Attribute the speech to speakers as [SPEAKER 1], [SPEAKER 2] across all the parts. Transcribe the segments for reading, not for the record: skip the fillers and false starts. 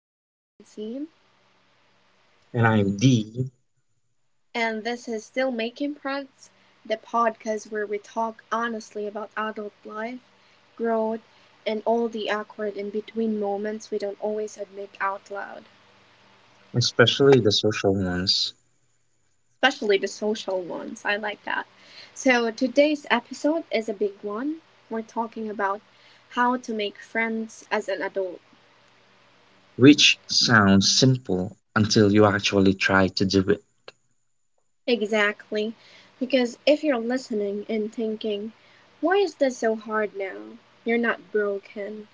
[SPEAKER 1] I am Francine,
[SPEAKER 2] And IMD,
[SPEAKER 1] and this is Still Making Friends, the podcast where we talk honestly about adult life, growth, and all the awkward in between moments we don't always admit out loud,
[SPEAKER 2] especially the social ones,
[SPEAKER 1] especially the social ones. I like that. So, today's episode is a big one. We're talking about how to make friends as an adult.
[SPEAKER 2] which sounds simple until you actually try to do it.
[SPEAKER 1] Exactly. Because if you're listening and thinking, why is this so hard now? You're not broken.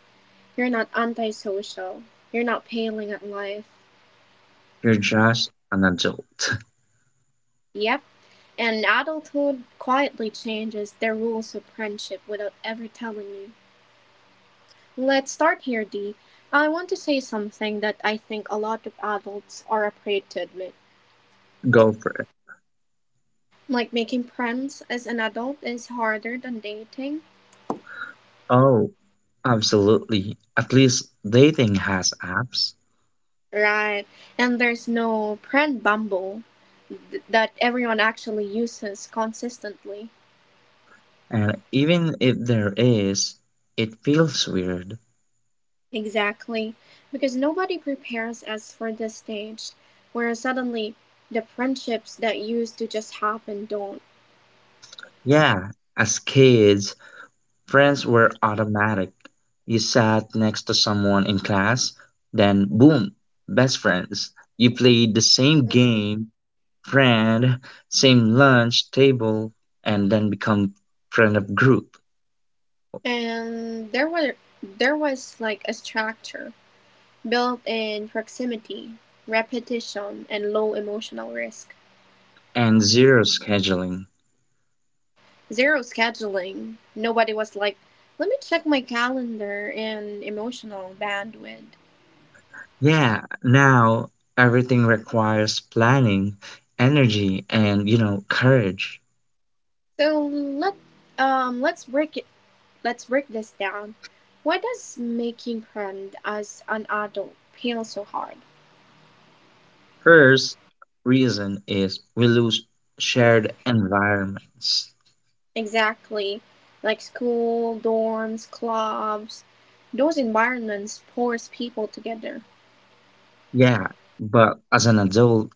[SPEAKER 1] You're not antisocial. You're not failing at life.
[SPEAKER 2] You're just an adult.
[SPEAKER 1] Yep. And adulthood quietly changes the rules of friendship without ever telling you. Let's start here, Dee. I want to say something that I think a lot of adults are afraid to admit.
[SPEAKER 2] Go for it.
[SPEAKER 1] Like making friends as an adult is harder than dating.
[SPEAKER 2] Oh, absolutely. At least dating has apps.
[SPEAKER 1] Right. And there's no friend bumble that everyone actually uses consistently.
[SPEAKER 2] And even if there is, it feels weird.
[SPEAKER 1] Exactly. Because nobody prepares us for this stage where suddenly the friendships that used to just happen don't.
[SPEAKER 2] Yeah, as kids, friends were automatic. You sat next to someone in class, then boom, best friends. You played the same
[SPEAKER 1] Mhm.
[SPEAKER 2] game friend, same lunch table, and then become friend of group
[SPEAKER 1] And there were there was like a structure built in proximity, repetition, and low emotional risk.
[SPEAKER 2] and zero scheduling.
[SPEAKER 1] Zero scheduling. Nobody was like, let me check my calendar and emotional bandwidth.
[SPEAKER 2] Yeah, now everything requires planning, energy, and, courage.
[SPEAKER 1] So let um let's break Let's break this down. Why does making friends as an adult feel so hard?
[SPEAKER 2] First reason is we lose shared environments.
[SPEAKER 1] Exactly. Like school, dorms, clubs, those environments force people together.
[SPEAKER 2] Yeah, but as an adult,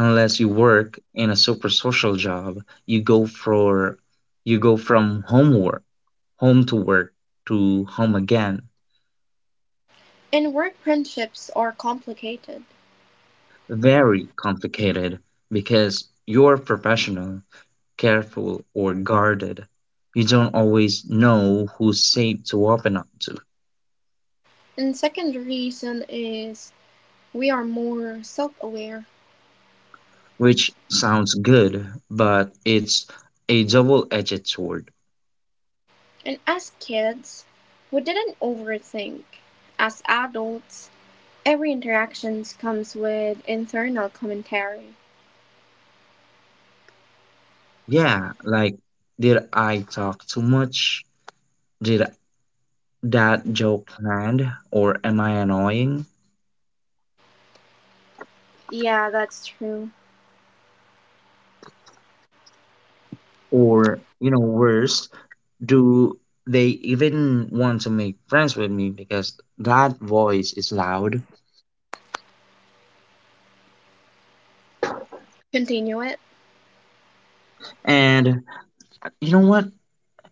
[SPEAKER 2] unless you work in a super social job, you go for you go from home to work to home again.
[SPEAKER 1] And work friendships are complicated.
[SPEAKER 2] Very complicated because you're professional, careful, or guarded. You don't always know who's safe to open up to,
[SPEAKER 1] And second reason is we are more self-aware.
[SPEAKER 2] which sounds good, but it's a double edged sword.
[SPEAKER 1] And as kids, we didn't overthink. As adults, every interaction comes with internal commentary.
[SPEAKER 2] Yeah, like, did I talk too much? Did that joke land? Or am I annoying?
[SPEAKER 1] Yeah, that's true.
[SPEAKER 2] Or, worse, do they even want to make friends with me because that voice is loud?
[SPEAKER 1] Continue it.
[SPEAKER 2] And you know what?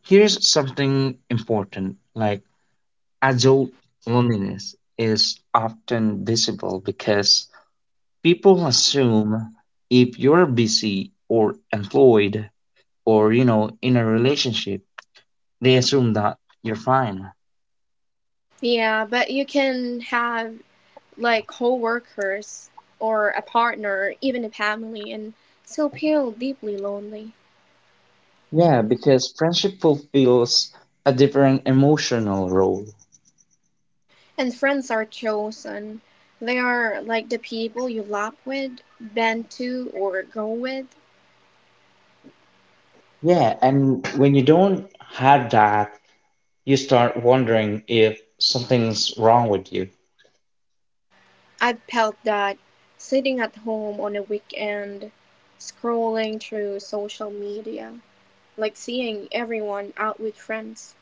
[SPEAKER 2] Here's something important. Like, adult loneliness is often visible because people assume if you're busy or employed or in a relationship, they assume that you're fine.
[SPEAKER 1] Yeah, but you can have like co-workers or a partner, even a family, and still feel deeply lonely.
[SPEAKER 2] Yeah, because friendship fulfills a different emotional role.
[SPEAKER 1] And friends are chosen. They are like the people you laugh with, bend to, or go with.
[SPEAKER 2] Yeah, and when you don't have that, you start wondering if something's wrong with you.
[SPEAKER 1] I've felt that sitting at home on a weekend, scrolling through social media, like seeing everyone out with friends.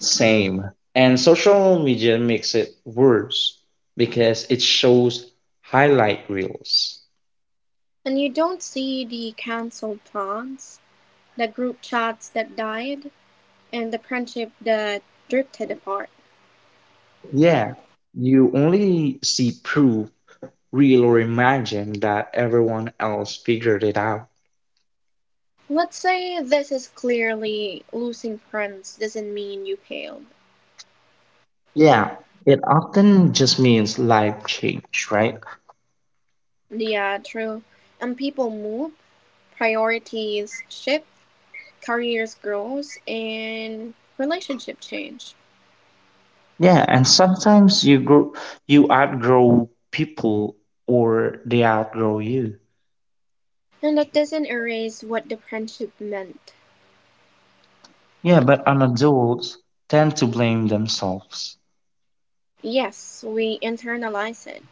[SPEAKER 2] Same. And social media makes it worse because it shows highlight reels.
[SPEAKER 1] And you don't see the cancelled plans, the group chats that died, and the friendship that drifted apart.
[SPEAKER 2] Yeah, you only see proof, real or imagined, that everyone else figured it out.
[SPEAKER 1] Let's say this is clearly losing friends doesn't mean you failed.
[SPEAKER 2] Yeah, it often just means life change, right?
[SPEAKER 1] Yeah, true. And people move, priorities shift, careers grow, and relationship change.
[SPEAKER 2] Yeah, and sometimes you grow, you outgrow people or they outgrow you.
[SPEAKER 1] And that doesn't erase what the friendship meant.
[SPEAKER 2] Yeah, but an adults tend to blame themselves.
[SPEAKER 1] Yes, we internalize it.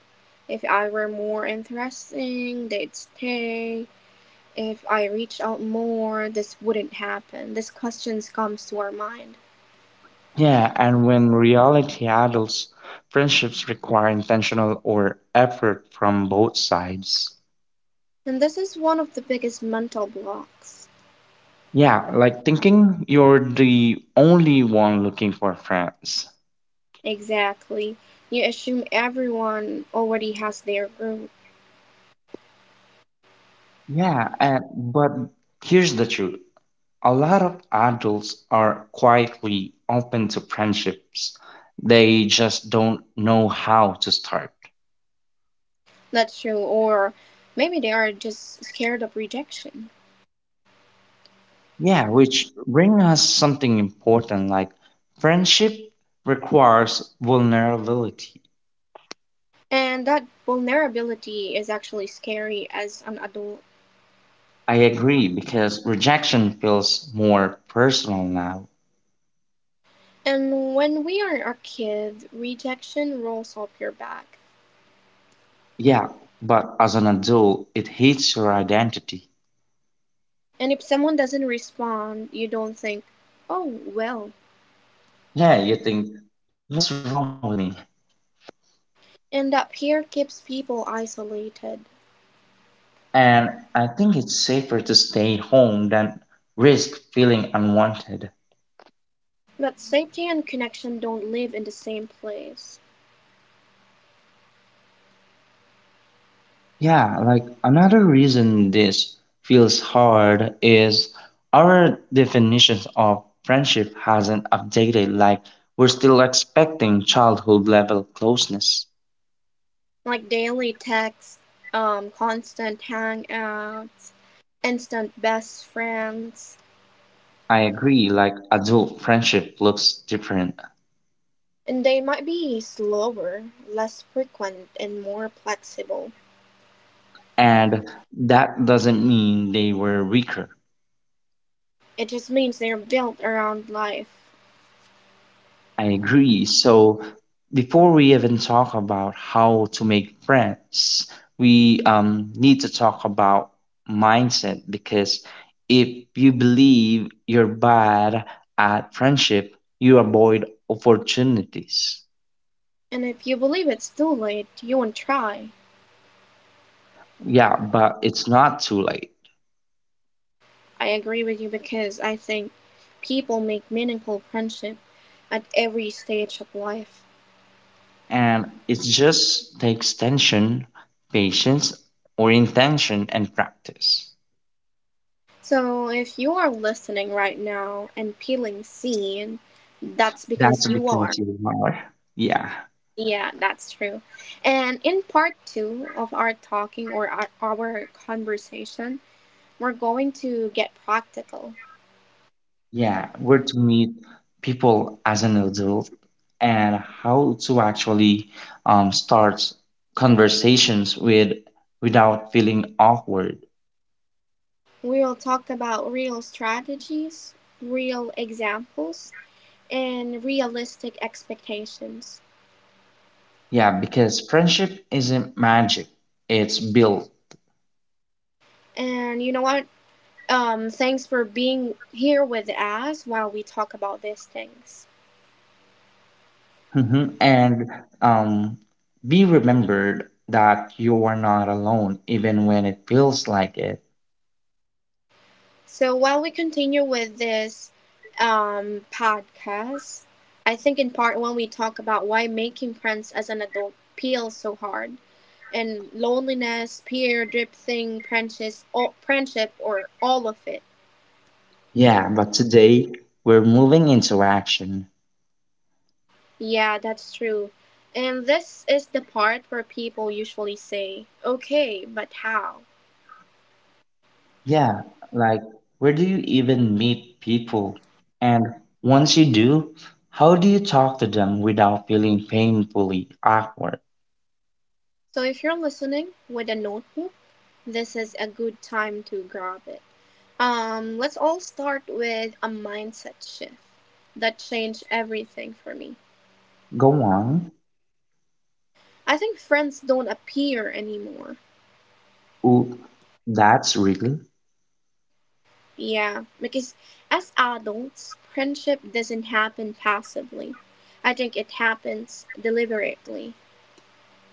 [SPEAKER 1] If I were more interesting, they'd stay. If I reached out more, this wouldn't happen. This question comes to our mind.
[SPEAKER 2] Yeah, and when reality adults, friendships require intentional or effort from both sides.
[SPEAKER 1] And this is one of the biggest mental blocks.
[SPEAKER 2] Yeah, like thinking you're the only one looking for friends.
[SPEAKER 1] Exactly. You assume everyone already has their group.
[SPEAKER 2] Yeah, and but here's the truth. A lot of adults are quietly open to friendships. They just don't know how to start.
[SPEAKER 1] That's true. Or maybe they are just scared of rejection.
[SPEAKER 2] Yeah, which bring us something important, like friendship requires vulnerability.
[SPEAKER 1] And that vulnerability is actually scary as an adult.
[SPEAKER 2] I agree because rejection feels more personal now.
[SPEAKER 1] And when we are a kid, rejection rolls up your back.
[SPEAKER 2] Yeah, but as an adult, it hits your identity.
[SPEAKER 1] And if someone doesn't respond, you don't think, oh, well,
[SPEAKER 2] Yeah, you think, what's wrong with me?
[SPEAKER 1] and up here keeps people isolated.
[SPEAKER 2] And I think it's safer to stay home than risk feeling unwanted.
[SPEAKER 1] But safety and connection don't live in the same place.
[SPEAKER 2] Yeah, like another reason this feels hard is our definitions of friendship hasn't updated, like we're still expecting childhood level closeness.
[SPEAKER 1] Like daily texts, constant hangouts, instant best friends.
[SPEAKER 2] I agree, like adult friendship looks different
[SPEAKER 1] And they might be slower, less frequent, and more flexible.
[SPEAKER 2] and that doesn't mean they were weaker.
[SPEAKER 1] It just means they're built around life.
[SPEAKER 2] I agree. So before we even talk about how to make friends, we need to talk about mindset, because if you believe you're bad at friendship, you avoid opportunities.
[SPEAKER 1] And if you believe it's too late, you won't try.
[SPEAKER 2] Yeah, but it's not too late.
[SPEAKER 1] I agree with you because I think people make meaningful friendship at every stage of life.
[SPEAKER 2] And it just takes tension, patience, or intention and practice.
[SPEAKER 1] So, if you are listening right now and peeling scene, that's because
[SPEAKER 2] That's
[SPEAKER 1] you are.
[SPEAKER 2] because you are. Yeah.
[SPEAKER 1] Yeah, that's true. And in part two of our talking or our conversation, we're going to get practical.
[SPEAKER 2] Yeah, where to meet people as an adult and how to actually start conversations without feeling awkward.
[SPEAKER 1] We'll talk about real strategies, real examples, and realistic expectations.
[SPEAKER 2] Yeah, because friendship isn't magic; it's built.
[SPEAKER 1] And you know what? Thanks for being here with us while we talk about these things.
[SPEAKER 2] Mhm. And um, be remembered that you are not alone, even when it feels like it.
[SPEAKER 1] So while we continue with this podcast, I think in part one we talk about why making friends as an adult feels so hard, and loneliness, peer drifting, friendships, friendship, or all of it.
[SPEAKER 2] Yeah, but today we're moving into action.
[SPEAKER 1] Yeah, that's true. And this is the part where people usually say, "Okay, but how?"
[SPEAKER 2] Yeah, like where do you even meet people? And once you do, how do you talk to them without feeling painfully awkward?
[SPEAKER 1] So if you're listening with a notebook, this is a good time to grab it. Let's all start with a mindset shift that changed everything for me.
[SPEAKER 2] Go on.
[SPEAKER 1] I think friends don't appear anymore.
[SPEAKER 2] Ooh, that's really.
[SPEAKER 1] Yeah, because as adults, friendship doesn't happen passively. I think it happens deliberately.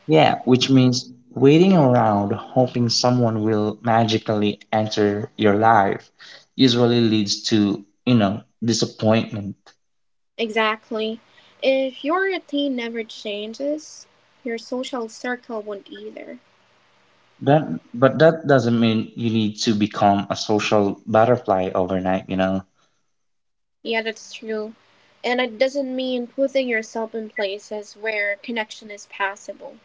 [SPEAKER 2] Yeah, which means waiting around hoping someone will magically enter your life usually leads to, disappointment.
[SPEAKER 1] Exactly. If your routine never changes, your social circle won't either.
[SPEAKER 2] That, but that doesn't mean you need to become a social butterfly overnight,
[SPEAKER 1] Yeah, that's true. And it doesn't mean putting yourself in places where connection is possible.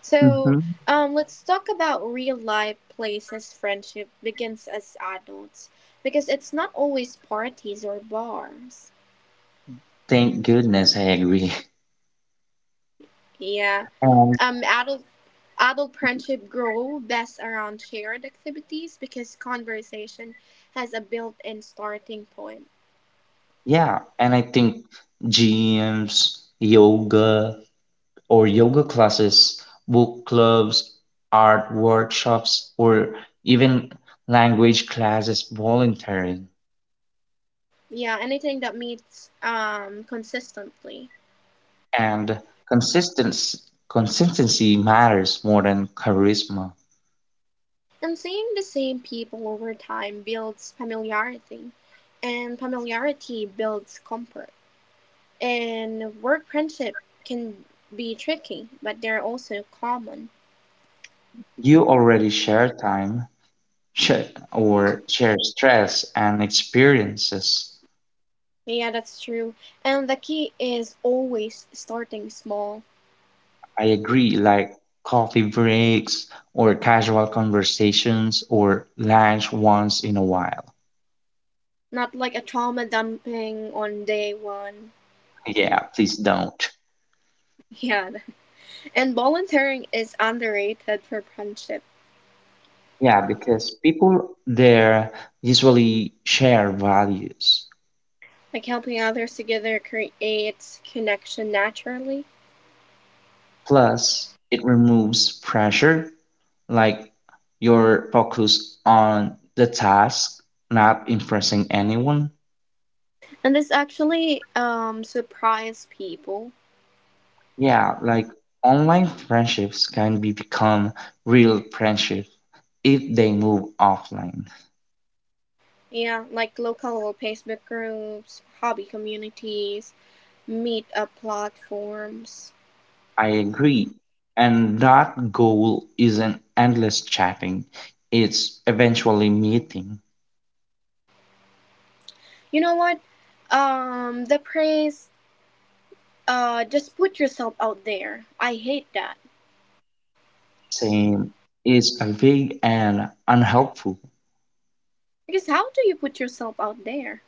[SPEAKER 1] So,
[SPEAKER 2] Mhm.
[SPEAKER 1] let's talk about real life places friendship begins as adults because it's not always parties or bars.
[SPEAKER 2] Thank goodness, I agree.
[SPEAKER 1] Yeah.
[SPEAKER 2] And
[SPEAKER 1] Um, adult adult friendship grow best around shared activities because conversation has a built-in starting point.
[SPEAKER 2] yeah, and I think gyms, yoga classes, book clubs, art workshops, or even language classes volunteering.
[SPEAKER 1] Yeah, anything that meets consistently.
[SPEAKER 2] And consistency, consistency matters more than charisma.
[SPEAKER 1] And seeing the same people over time builds familiarity, and familiarity builds comfort. And work friendship can be tricky, but they're also common.
[SPEAKER 2] You already share time share, or share stress and experiences.
[SPEAKER 1] Yeah, that's true. And the key is always starting small,
[SPEAKER 2] I agree, like coffee breaks or casual conversations or lunch once in a while.
[SPEAKER 1] not like a trauma dumping on day one.
[SPEAKER 2] Yeah, please don't.
[SPEAKER 1] Yeah, and volunteering is underrated for friendship.
[SPEAKER 2] Yeah, because people there usually share values.
[SPEAKER 1] Like helping others together creates connection naturally,
[SPEAKER 2] Plus, it removes pressure, like your focus on the task, not impressing anyone.
[SPEAKER 1] and this actually surprised people.
[SPEAKER 2] Yeah, like online friendships can be become real friendship if they move offline.
[SPEAKER 1] Yeah, like local Facebook groups, hobby communities, meetup platforms.
[SPEAKER 2] I agree. And that goal isn't endless chatting, it's eventually meeting.
[SPEAKER 1] You know what? The praise, just put yourself out there. I hate that.
[SPEAKER 2] Same is a vague and unhelpful.
[SPEAKER 1] Because how do you put yourself out there?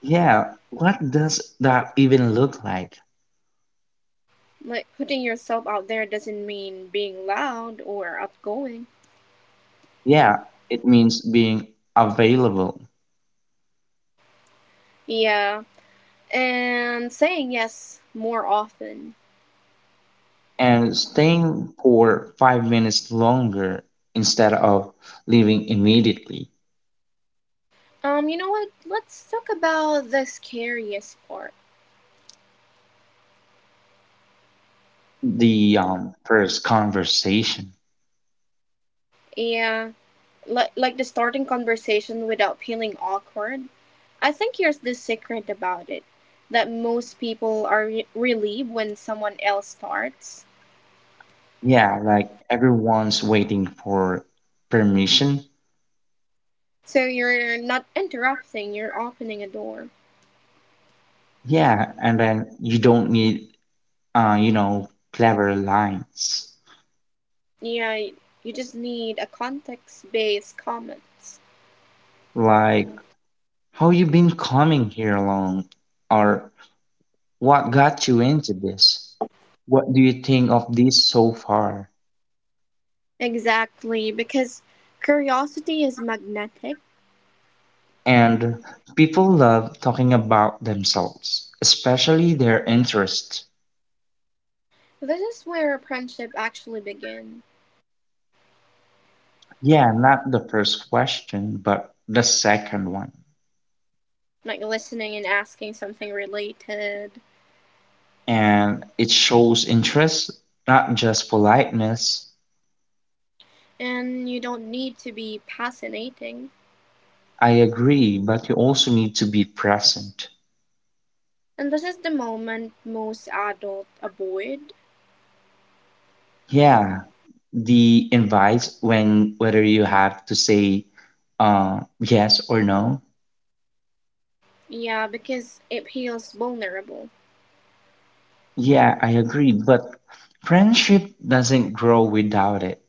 [SPEAKER 2] Yeah, what does that even look like?
[SPEAKER 1] Like, putting yourself out there doesn't mean being loud or outgoing.
[SPEAKER 2] Yeah, it means being available
[SPEAKER 1] Yeah, and saying yes more often.
[SPEAKER 2] and staying for 5 minutes longer instead of leaving immediately.
[SPEAKER 1] You know what? Let's talk about the scariest part.
[SPEAKER 2] The first conversation.
[SPEAKER 1] Yeah, like the starting conversation without feeling awkward. I think here's the secret about it that most people are relieved when someone else starts.
[SPEAKER 2] Yeah, like everyone's waiting for permission.
[SPEAKER 1] So you're not interrupting, you're opening a door.
[SPEAKER 2] Yeah, and then you don't need, clever lines
[SPEAKER 1] Yeah, you just need a context based comments.
[SPEAKER 2] like, how you been coming here alone, or what got you into this. What do you think of this so far?
[SPEAKER 1] Exactly, because curiosity is magnetic.
[SPEAKER 2] And people love talking about themselves, especially their interests.
[SPEAKER 1] This is where friendship actually begins.
[SPEAKER 2] Yeah, not the first question, but the second one.
[SPEAKER 1] Like listening and asking something related.
[SPEAKER 2] And it shows interest, not just politeness.
[SPEAKER 1] And you don't need to be fascinating.
[SPEAKER 2] I agree, but you also need to be present.
[SPEAKER 1] And this is the moment most adults avoid.
[SPEAKER 2] Yeah, the invites when whether you have to say yes or no.
[SPEAKER 1] Yeah, because it feels vulnerable.
[SPEAKER 2] Yeah, I agree, but friendship doesn't grow without it.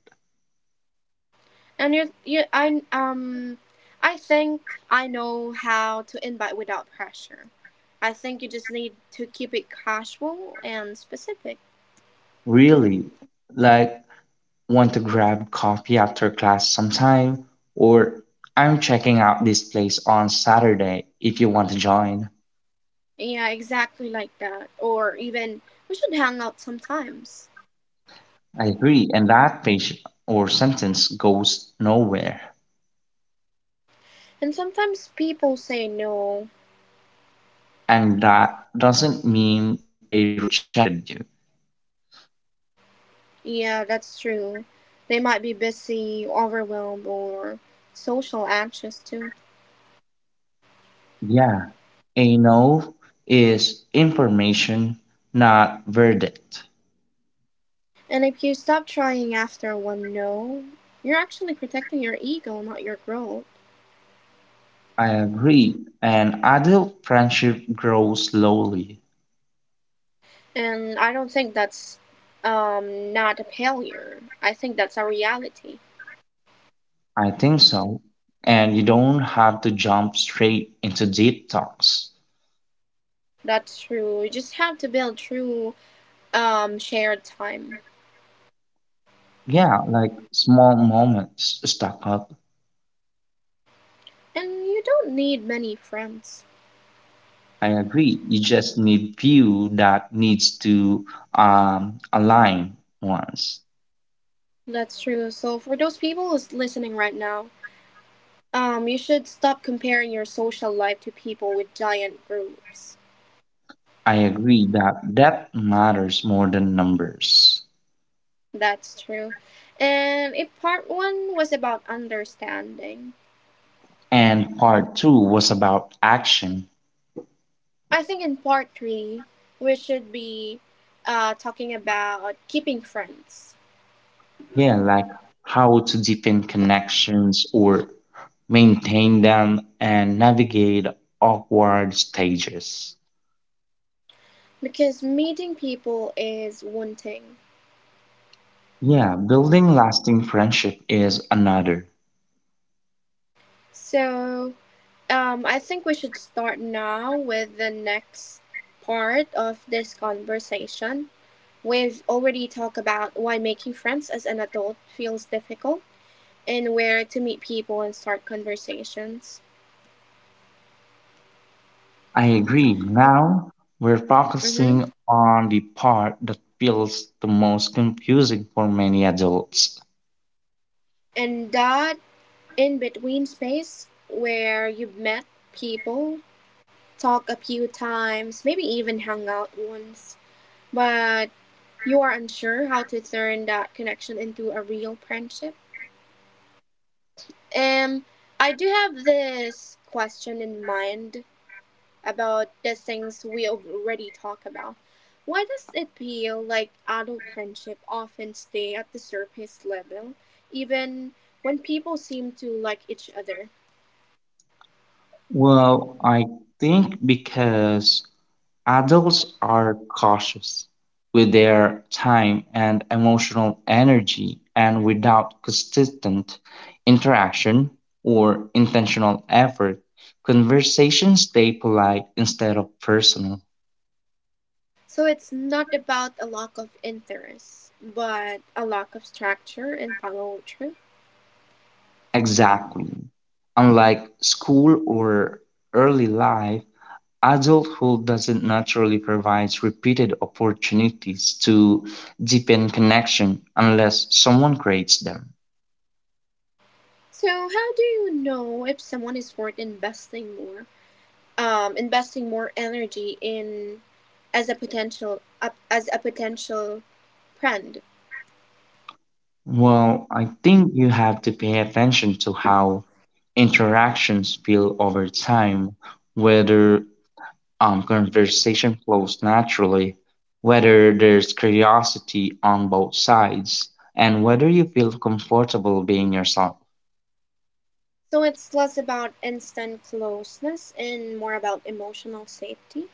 [SPEAKER 1] And you, I think I know how to invite without pressure. I think you just need to keep it casual and specific.
[SPEAKER 2] Really, like, want to grab coffee after class sometime, or I'm checking out this place on Saturday if you want to join.
[SPEAKER 1] Yeah, exactly like that. Or even we should hang out sometimes.
[SPEAKER 2] I agree. And that page or sentence goes nowhere.
[SPEAKER 1] And sometimes people say no.
[SPEAKER 2] And that doesn't mean they rejected you.
[SPEAKER 1] Yeah, that's true. They might be busy, overwhelmed, or social anxious too.
[SPEAKER 2] Yeah, a no is information, not verdict.
[SPEAKER 1] And if you stop trying after one no, you're actually protecting your ego, not your growth.
[SPEAKER 2] I agree. An adult friendship grows slowly.
[SPEAKER 1] And I don't think that's not a failure. I think that's a reality.
[SPEAKER 2] I think so. And you don't have to jump straight into deep talks.
[SPEAKER 1] That's true. You just have to build true shared time.
[SPEAKER 2] Yeah, like small moments stuck up.
[SPEAKER 1] And you don't need many friends.
[SPEAKER 2] I agree. You just need few that needs to align once.
[SPEAKER 1] That's true. So for those people who's listening right now, you should stop comparing your social life to people with giant groups.
[SPEAKER 2] I agree that depth matters more than numbers.
[SPEAKER 1] That's true. And if part one was about understanding,
[SPEAKER 2] And part two was about action.
[SPEAKER 1] I think in part three, we should be talking about keeping friends
[SPEAKER 2] Yeah, like how to deepen connections or maintain them and navigate awkward stages.
[SPEAKER 1] because meeting people is one thing.
[SPEAKER 2] Yeah, building lasting friendship is another.
[SPEAKER 1] So I think we should start now with the next part of this conversation. We've already talked about why making friends as an adult feels difficult and where to meet people and start conversations.
[SPEAKER 2] I agree. Now we're
[SPEAKER 1] Mm-hmm.
[SPEAKER 2] focusing on the part that feels the most confusing for many adults.
[SPEAKER 1] And that in between space where you've met people, talked a few times, maybe even hung out once, but you are unsure how to turn that connection into a real friendship. Um, I do have this question in mind about the things we already talked about. Why does it feel like adult friendship often stay at the surface level, even when people seem to like each other?
[SPEAKER 2] Well, I think because adults are cautious with their time and emotional energy, and without consistent interaction or intentional effort, conversations stay polite instead of personal.
[SPEAKER 1] So it's not about a lack of interest, but a lack of structure and follow through.
[SPEAKER 2] Exactly. Unlike school or early life, adulthood doesn't naturally provide repeated opportunities to deepen connection unless someone creates them.
[SPEAKER 1] So how do you know if someone is worth investing more energy in as a potential friend?
[SPEAKER 2] Well, I think you have to pay attention to how interactions feel over time, whether conversation flows naturally, whether there's curiosity on both sides, and whether you feel comfortable being yourself.
[SPEAKER 1] So it's less about instant closeness and more about emotional safety.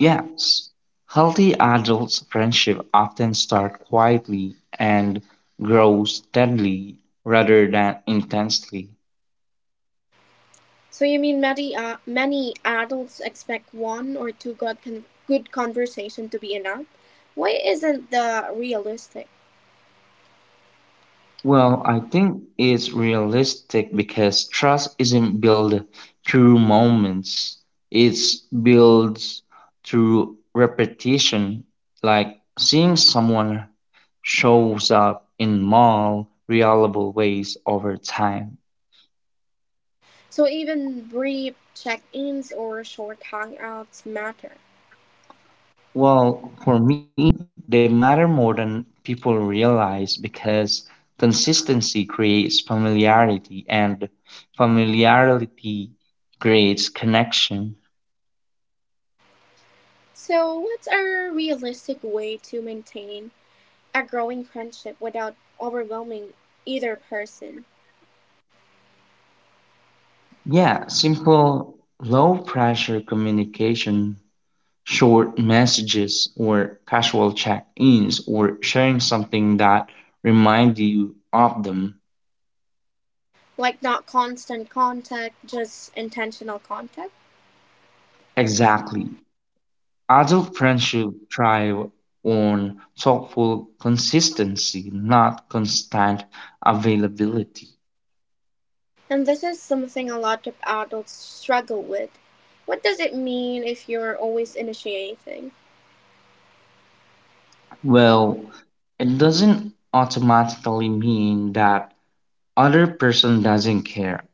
[SPEAKER 2] Yes, healthy adults' friendship often start quietly and grow steadily rather than intensely.
[SPEAKER 1] So you mean many adults expect one or two good conversation to be enough? Why isn't that realistic?
[SPEAKER 2] Well, I think it's realistic because trust isn't built through moments, it's built through repetition, like seeing someone shows up in small, reliable ways over time.
[SPEAKER 1] So even brief check-ins or short hangouts matter.
[SPEAKER 2] Well, for me, they matter more than people realize because consistency creates familiarity, and familiarity creates connection.
[SPEAKER 1] So what's a realistic way to maintain a growing friendship without overwhelming either person?
[SPEAKER 2] Yeah, simple, low pressure communication, short messages, or casual check ins, or sharing something that reminds you of them.
[SPEAKER 1] Like not constant contact, just intentional contact?
[SPEAKER 2] Exactly. Adult friendship thrive on thoughtful consistency, not constant availability.
[SPEAKER 1] And this is something a lot of adults struggle with. What does it mean if you're always initiating?
[SPEAKER 2] Well, it doesn't automatically mean that other person doesn't care,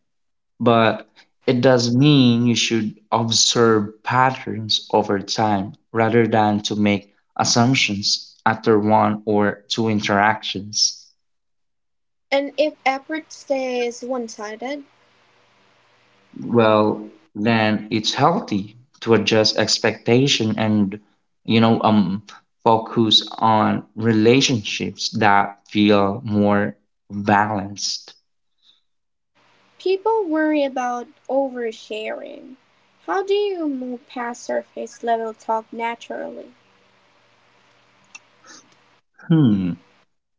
[SPEAKER 2] but it does mean you should observe patterns over time rather than to make assumptions after one or two interactions.
[SPEAKER 1] And if effort stays one sided,
[SPEAKER 2] Well then, it's healthy to adjust expectation and you know um focus on relationships that feel more balanced.
[SPEAKER 1] people worry about oversharing. How do you move past surface level talk naturally?
[SPEAKER 2] hmm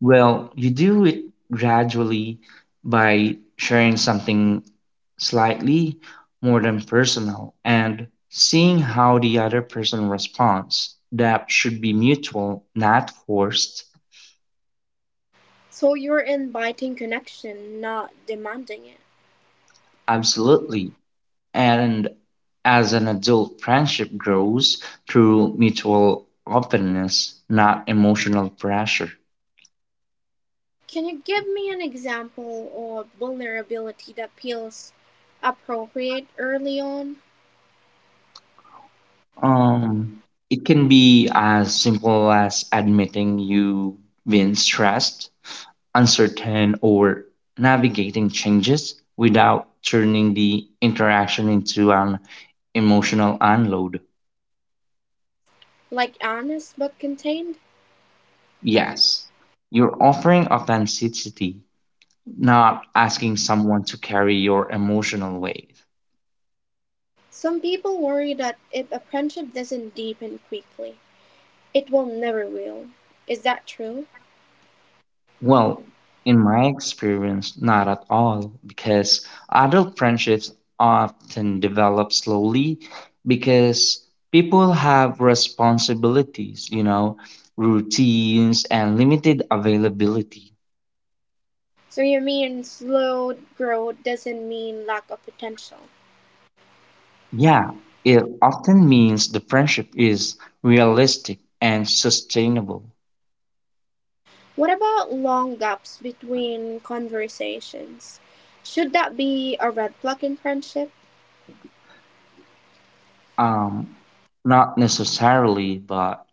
[SPEAKER 2] well, you do it gradually by sharing something slightly more than personal and seeing how the other person responds. That should be mutual, not forced.
[SPEAKER 1] So you're inviting connection, not demanding it.
[SPEAKER 2] Absolutely. And as an adult, friendship grows through mutual openness, not emotional pressure.
[SPEAKER 1] Can you give me an example or vulnerability that feels appropriate early on?
[SPEAKER 2] Um, it can be as simple as admitting you've been stressed, uncertain, or navigating changes without turning the interaction into an emotional unload.
[SPEAKER 1] Like honest but contained?
[SPEAKER 2] Yes, you're offering authenticity, not asking someone to carry your emotional weight.
[SPEAKER 1] Some people worry that if a friendship doesn't deepen quickly, it will never will. Is that true?
[SPEAKER 2] Well, in my experience, not at all, because adult friendships often develop slowly because people have responsibilities, routines, and limited availability.
[SPEAKER 1] So you mean slow growth doesn't mean lack of potential?
[SPEAKER 2] Yeah, it often means the friendship is realistic and sustainable.
[SPEAKER 1] What about long gaps between conversations? Should that be a red flag in friendship?
[SPEAKER 2] Um, Not necessarily, but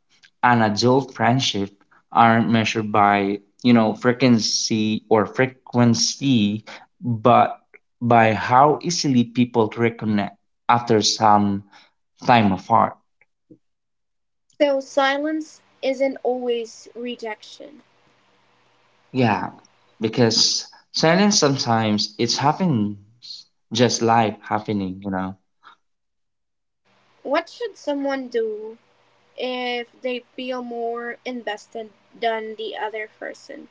[SPEAKER 2] an adult friendship aren't measured by, frequency, but by how easily people reconnect after some time apart.
[SPEAKER 1] So, silence isn't always rejection.
[SPEAKER 2] Yeah, because silence sometimes it's happens, just life happening, you know.
[SPEAKER 1] What should someone do if they feel more invested than the other person?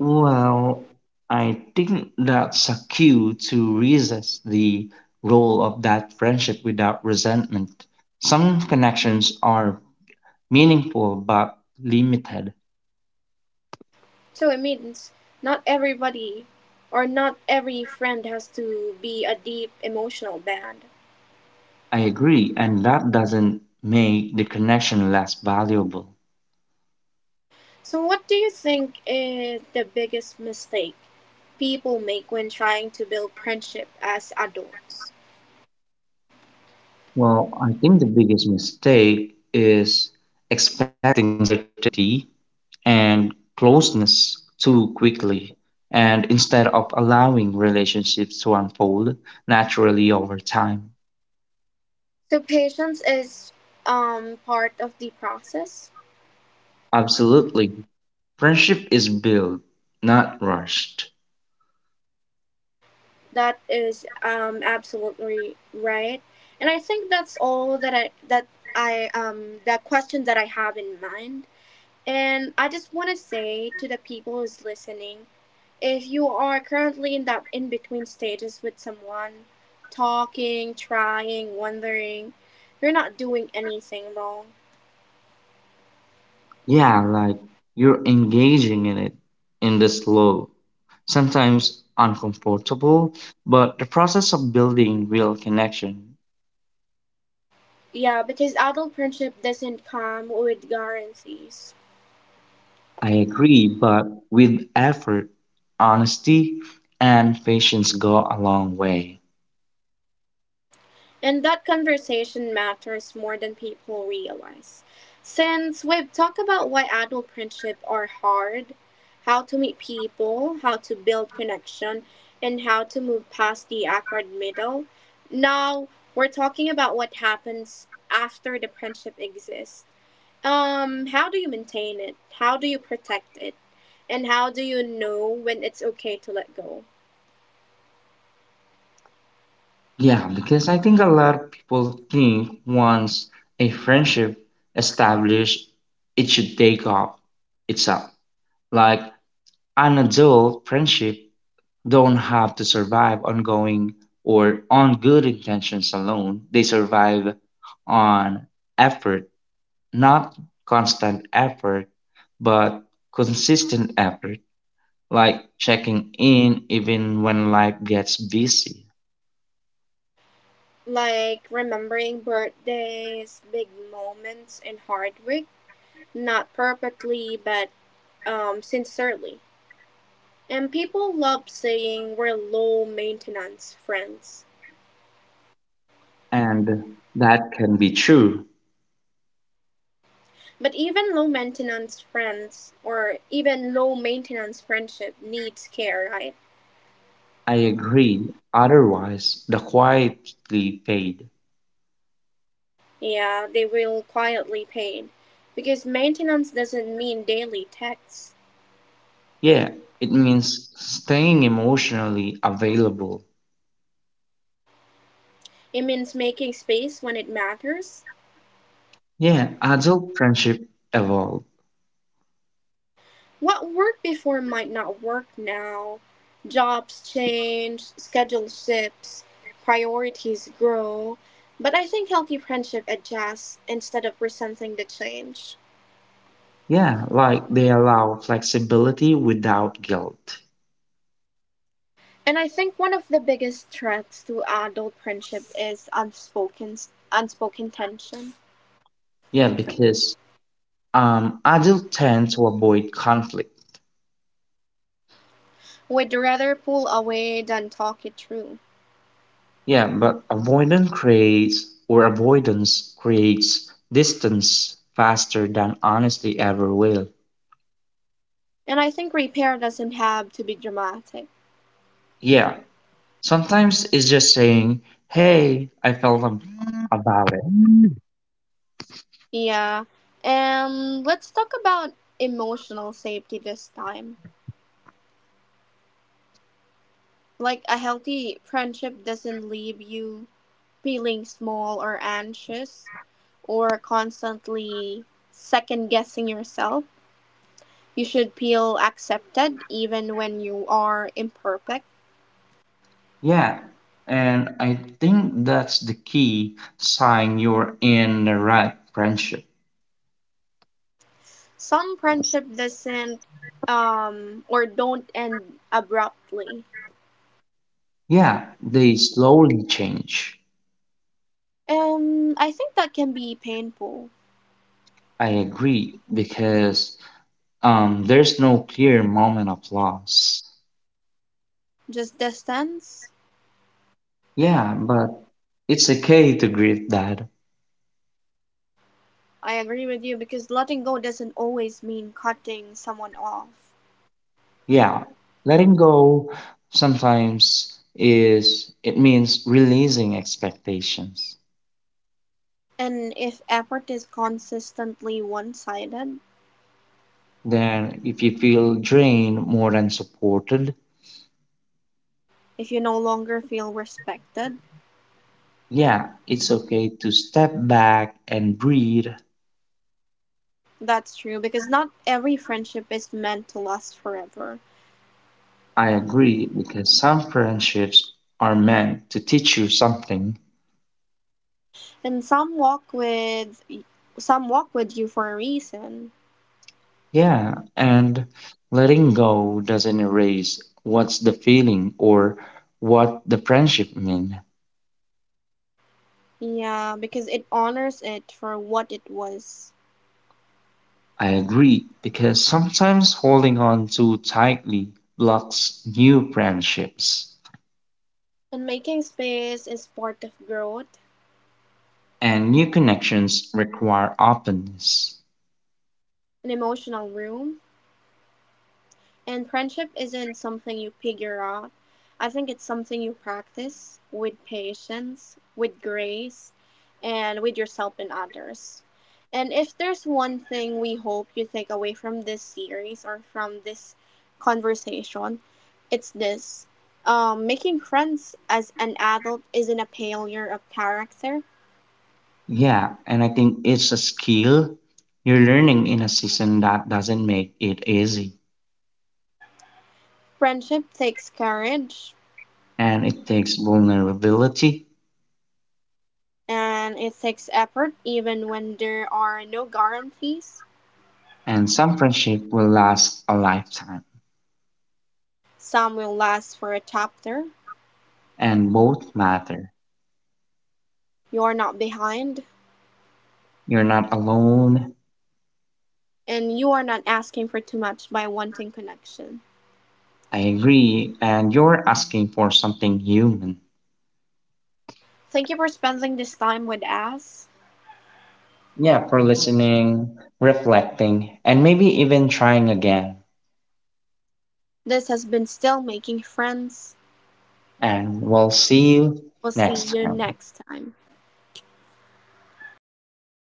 [SPEAKER 2] Well, I think that's a cue to resist the role of that friendship without resentment. Some connections are meaningful but limited.
[SPEAKER 1] So, it means not everybody or not every friend has to be a deep emotional bond.
[SPEAKER 2] I agree, and that doesn't make the connection less valuable.
[SPEAKER 1] So, what do you think is the biggest mistake people make when trying to build friendship as adults?
[SPEAKER 2] Well, I think the biggest mistake is expecting certainty and closeness too quickly, and instead of allowing relationships to unfold naturally over time.
[SPEAKER 1] So patience is part of the process.
[SPEAKER 2] Absolutely. Friendship is built, not rushed.
[SPEAKER 1] That is absolutely right, and I think that's all that I the question that I have in mind. And I just want to say to the people who's listening, if you are currently in that in between stages with someone, talking, trying, wondering, you're not doing anything wrong.
[SPEAKER 2] Yeah, like you're engaging in it in the slow, sometimes uncomfortable, but the process of building real connection.
[SPEAKER 1] Yeah, because adult friendship doesn't come with guarantees.
[SPEAKER 2] I agree, but with effort, honesty, and patience go a long way.
[SPEAKER 1] And that conversation matters more than people realize. Since we've talked about why adult friendship are hard, how to meet people, how to build connection, and how to move past the awkward middle, now we're talking about what happens after the friendship exists. How do you maintain it? How do you protect it? And how do you know when it's okay to let go?
[SPEAKER 2] Yeah, because I think a lot of people think once a friendship established, it should take off itself. Like an adult friendship don't have to survive ongoing or on good intentions alone. They survive on effort, not constant effort, but consistent effort, like checking in even when life gets busy.
[SPEAKER 1] Like remembering birthdays, big moments, and hard work. Not perfectly, but sincerely. And people love saying we're low maintenance friends.
[SPEAKER 2] And that can be true.
[SPEAKER 1] But even low maintenance friends, or even low maintenance friendship, needs care, right?
[SPEAKER 2] I agreed, otherwise the quietly fade.
[SPEAKER 1] Yeah, they will quietly paid. Because maintenance doesn't mean daily texts,
[SPEAKER 2] Yeah, it means staying emotionally available.
[SPEAKER 1] it means making space when it matters.
[SPEAKER 2] Yeah, adult friendship evolve.
[SPEAKER 1] What worked before might not work now. Jobs change, schedules shifts, priorities grow. But I think healthy friendship adjusts instead of resenting the change.
[SPEAKER 2] Yeah, like they allow flexibility without guilt.
[SPEAKER 1] And I think one of the biggest threats to adult friendship is unspoken tension.
[SPEAKER 2] Yeah, because adults tend to avoid conflict.
[SPEAKER 1] We'd rather pull away than talk it through.
[SPEAKER 2] Yeah, but avoidance creates distance faster than honesty ever will.
[SPEAKER 1] And I think repair doesn't have to be dramatic.
[SPEAKER 2] Yeah, sometimes it's just saying, hey, I felt about it.
[SPEAKER 1] Yeah. And let's talk about emotional safety this time. Like a healthy friendship doesn't leave you feeling small or anxious or constantly second guessing yourself. You should feel accepted even when you are imperfect.
[SPEAKER 2] Yeah. And I think that's the key sign you're in the right friendship.
[SPEAKER 1] Some friendship doesn't or don't end abruptly.
[SPEAKER 2] Yeah, they slowly change.
[SPEAKER 1] And I think that can be painful.
[SPEAKER 2] I agree because there's no clear moment of loss.
[SPEAKER 1] Just distance.
[SPEAKER 2] Yeah, but it's okay to grieve that.
[SPEAKER 1] I agree with you because letting go doesn't always mean cutting someone off.
[SPEAKER 2] Yeah, letting go sometimes is it means releasing expectations.
[SPEAKER 1] And if effort is consistently one sided,
[SPEAKER 2] Then, if you feel drained more than supported,
[SPEAKER 1] if you no longer feel respected,
[SPEAKER 2] yeah, it's okay to step back and breathe.
[SPEAKER 1] that's true because not every friendship is meant to last forever.
[SPEAKER 2] I agree because some friendships are meant to teach you something.
[SPEAKER 1] And some walk with you for a reason.
[SPEAKER 2] Yeah, and letting go doesn't erase what's the feeling or what the friendship mean.
[SPEAKER 1] Yeah, because it honors it for what it was.
[SPEAKER 2] I agree because sometimes holding on too tightly blocks new friendships,
[SPEAKER 1] And making space is part of growth,
[SPEAKER 2] and new connections require openness.
[SPEAKER 1] an emotional room, and friendship isn't something you figure out. I think it's something you practice with patience, with grace, and with yourself and others. And if there's one thing we hope you take away from this series or from this conversation, it's this. Making friends as an adult isn't a failure of character.
[SPEAKER 2] Yeah, and I think it's a skill you're learning in a season that doesn't make it easy.
[SPEAKER 1] Friendship takes courage
[SPEAKER 2] And it takes vulnerability,
[SPEAKER 1] and it takes effort even when there are no guarantees.
[SPEAKER 2] and some friendship will last a lifetime.
[SPEAKER 1] Some will last for a chapter,
[SPEAKER 2] And both matter.
[SPEAKER 1] you're not behind,
[SPEAKER 2] You're not alone.
[SPEAKER 1] and you are not asking for too much by wanting connection.
[SPEAKER 2] I agree, and you're asking for something human.
[SPEAKER 1] Thank you for spending this time with us.
[SPEAKER 2] Yeah, for listening, reflecting, and maybe even trying again.
[SPEAKER 1] This has been Still Making Friends.
[SPEAKER 2] And we'll see you
[SPEAKER 1] We'll see
[SPEAKER 2] next
[SPEAKER 1] you
[SPEAKER 2] time.
[SPEAKER 1] next time.